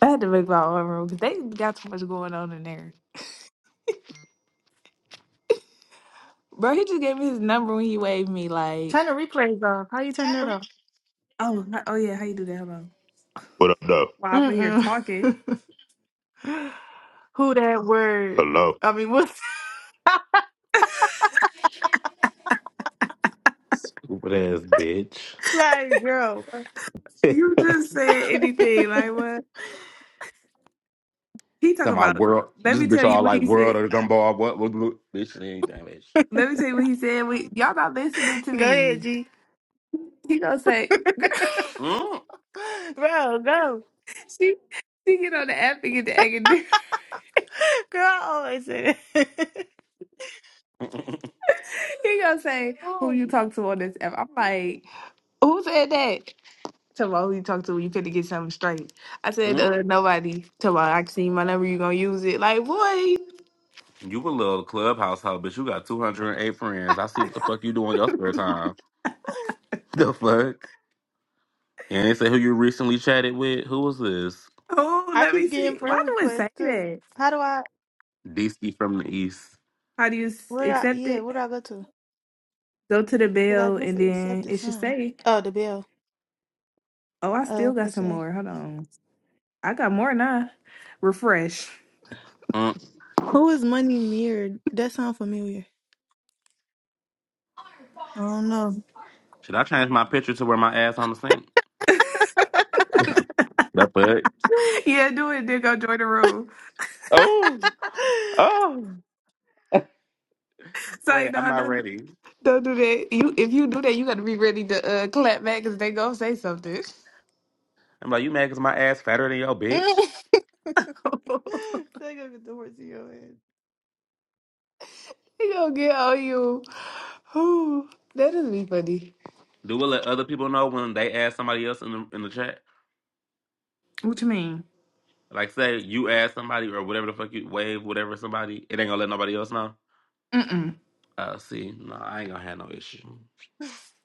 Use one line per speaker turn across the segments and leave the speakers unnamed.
I had to make my own room because they got too much going on in there. Bro, he just gave me his number when he waved me. Like,
Turn the replays off. How you turn that off?
oh, h- oh yeah, how you do that? Hold on.
What up, though?
While I'm over here
Mm
talking,
mm. Who that word?
Hello.
I mean, what's
Stupid ass bitch.
like, girl?
Talking
you just said
go
anything. Like, what he talk
my
about?
world.
Let
This
me
bitch
tell you
all
what
like
he
world
said.
or the gumball. What? What? what bitch, it ain't that bitch.
Let me tell you what he said. We, y'all not listening to
ahead,
me.
G.
He gonna say, girl,
Mm.
Bro, go.
she, she get on the app and get the egg.
Girl, I always say that.
He gonna say, who
Oh,
you talk to on this app? I'm like, who said that? Tell about who you talk to when you fit to get something straight. I said,
Mm.
uh, nobody. Tell about I can see my number, you gonna use it. Like, boy,
You a little clubhouse hoe, bitch. You got 208 friends. I see what the fuck you do in your spare time. The fuck? And they say who you recently chatted with. Who was this?
oh,
I
let me
keep getting
see. Why
friend
do it say
requests too.
that?
How do I?
DC from the East.
How do you s-
Where do I?
accept
Yeah,
it?
where do I go to?
Go to the
Because I
bell
just
and then
accepted
it should
something.
say,
Oh, the bill.
oh, I
Uh,
still got
let's
some
see.
more. Hold on. I got more now. Refresh.
Mm.
Who is Money Mirrored? That sound familiar. I don't know.
Should I change my picture to where my ass on the sink? That fuck?
yeah, do it, then go join the room.
Oh. Oh.
So, like,
Wait, I'm
no,
not
don't, do-
ready.
don't do that. You If you do that, you gotta be ready to uh, clap back because they gonna say something.
I'm like, you mad because my ass fatter than your
they
bitch?
gonna get the horse in your head.
He gonna get on you. Ooh, that is be funny.
Do we let other people know when they ask somebody else in the in the chat?
What you mean?
Like say you ask somebody or whatever the fuck you wave whatever somebody, it ain't gonna let nobody else know.
Mm-mm.
Uh, see, no, I ain't gonna have no issue.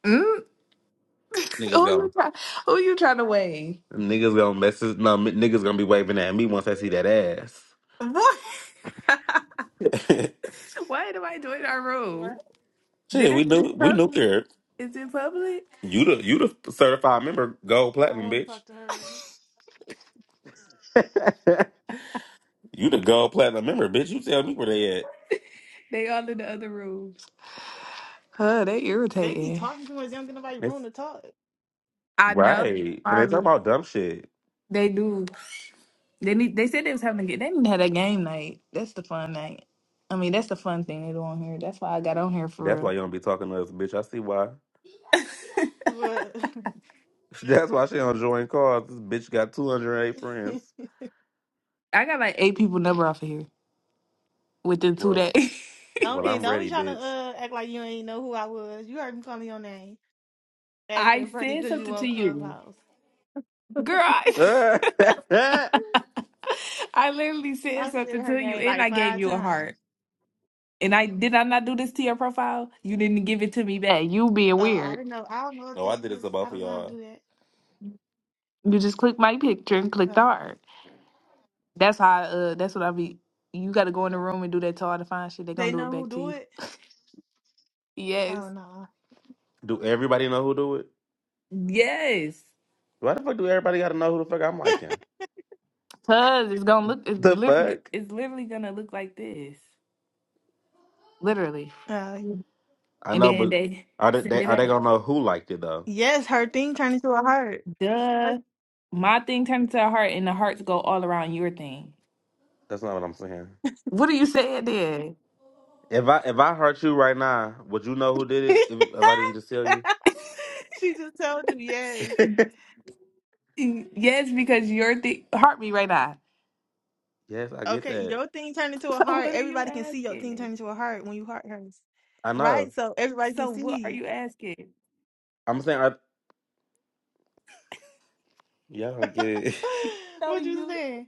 Mm? Who
Niggas gonna
you try? Who you trying to
Right.
weigh?
niggas gonna message. No, m- niggas gonna be waving at me once I see that ass.
What? Why am I doing our room?
Right.
Shit,
Did
we
it?
knew we knew here.
Is it public?
You the you the certified member, gold
They don't
platinum,
want to
bitch.
talk to her ass.
You the gold platinum member, bitch. You tell me where they at.
They all in the other rooms. Huh? They
They be
irritating.
talking too much. They don't get nobody
It's
room to talk.
I know.
right, and they talk
Probably.
about dumb shit.
They do. They need. They said they was having a game. They didn't have a game night. That's the fun night. I mean, that's the fun thing they do on here. That's why I got on here for
That's why
real.
you don't be talking to us, bitch. I see why.
But
That's why she don't join cars. This bitch got 208 friends.
I got like eight people number off of here. within two
Well,
days.
don't
well,
and
I'm
don't be
ready,
trying to
bitch.
uh act like you ain't know who I was. You heard me calling your name,
I
acting funny
said
because you
something to
on
you.
Clubhouse.
Girl, I, I literally said
I said
something
her
to you
name
and
like
I gave
five
you a heart.
times.
And I did I not do this to your profile? You didn't give it to me back. You being
Uh, I
weird.
didn't know. I don't know what
oh, I
that
did it
is.
to
I
both of
don't know how to
y'all.
do that.
You just clicked my picture and clicked the
Uh,
heart. That's how I, uh that's what I be you gotta go in the room and do that to all the fine shit. They
they
gonna do it
know who
back to
do
you.
it.
Yes.
Oh no.
Do everybody know who do it?
Yes.
Why the fuck do everybody gotta know who the fuck I'm liking?
Cause it's gonna look it's
The
literally
fuck?
it's literally gonna look like this. Literally.
Uh,
I
And
know,
then
but
they
are they,
send
they
it
are they
back.
gonna know who liked it though?
yes, her thing turned into a heart.
Duh. My thing turns to a heart, and the hearts go all around your thing.
That's not what I'm saying.
What are you saying then?
If I if I hurt you right now, would you know who did it? If, if I didn't just tell you?
she just told you yes.
Yes, because your thing hurt me right now.
yes, I get
Okay,
that.
your thing turned into a
So
heart.
what are you
Everybody can see your thing
asking?
turn into a heart when you heart hers,
I know.
right? So everybody can
So what are
see.
you asking?
I'm saying, I, y'all don't get it.
No,
what you
you
saying?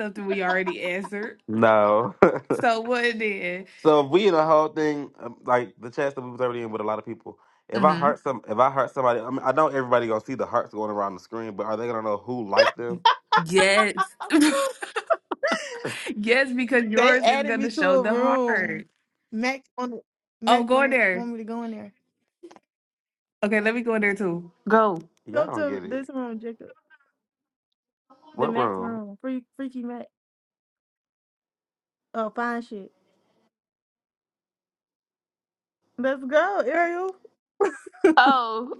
something we already answered.
no.
So what then?
So if we in a whole thing um, like the chats that we was already in with a lot of people. If I
Mm-hmm.
hurt some, if I hurt somebody, I mean, I know everybody gonna see the hearts going around the screen, but are they gonna know who liked them?
Yes. yes, because
They
yours is
added
gonna
me to
show
a
the
room.
heart.
Mac on the
Oh,
Mac
go
on
in
the
there.
want me to go in there.
Okay, let me go in there too. Go.
Y'all
Go
don't
to
get it.
this room, Jacob. The
What
Mac
room?
room. Free, freaky Mac. Oh, fine shit. Let's go, Ariel.
Oh.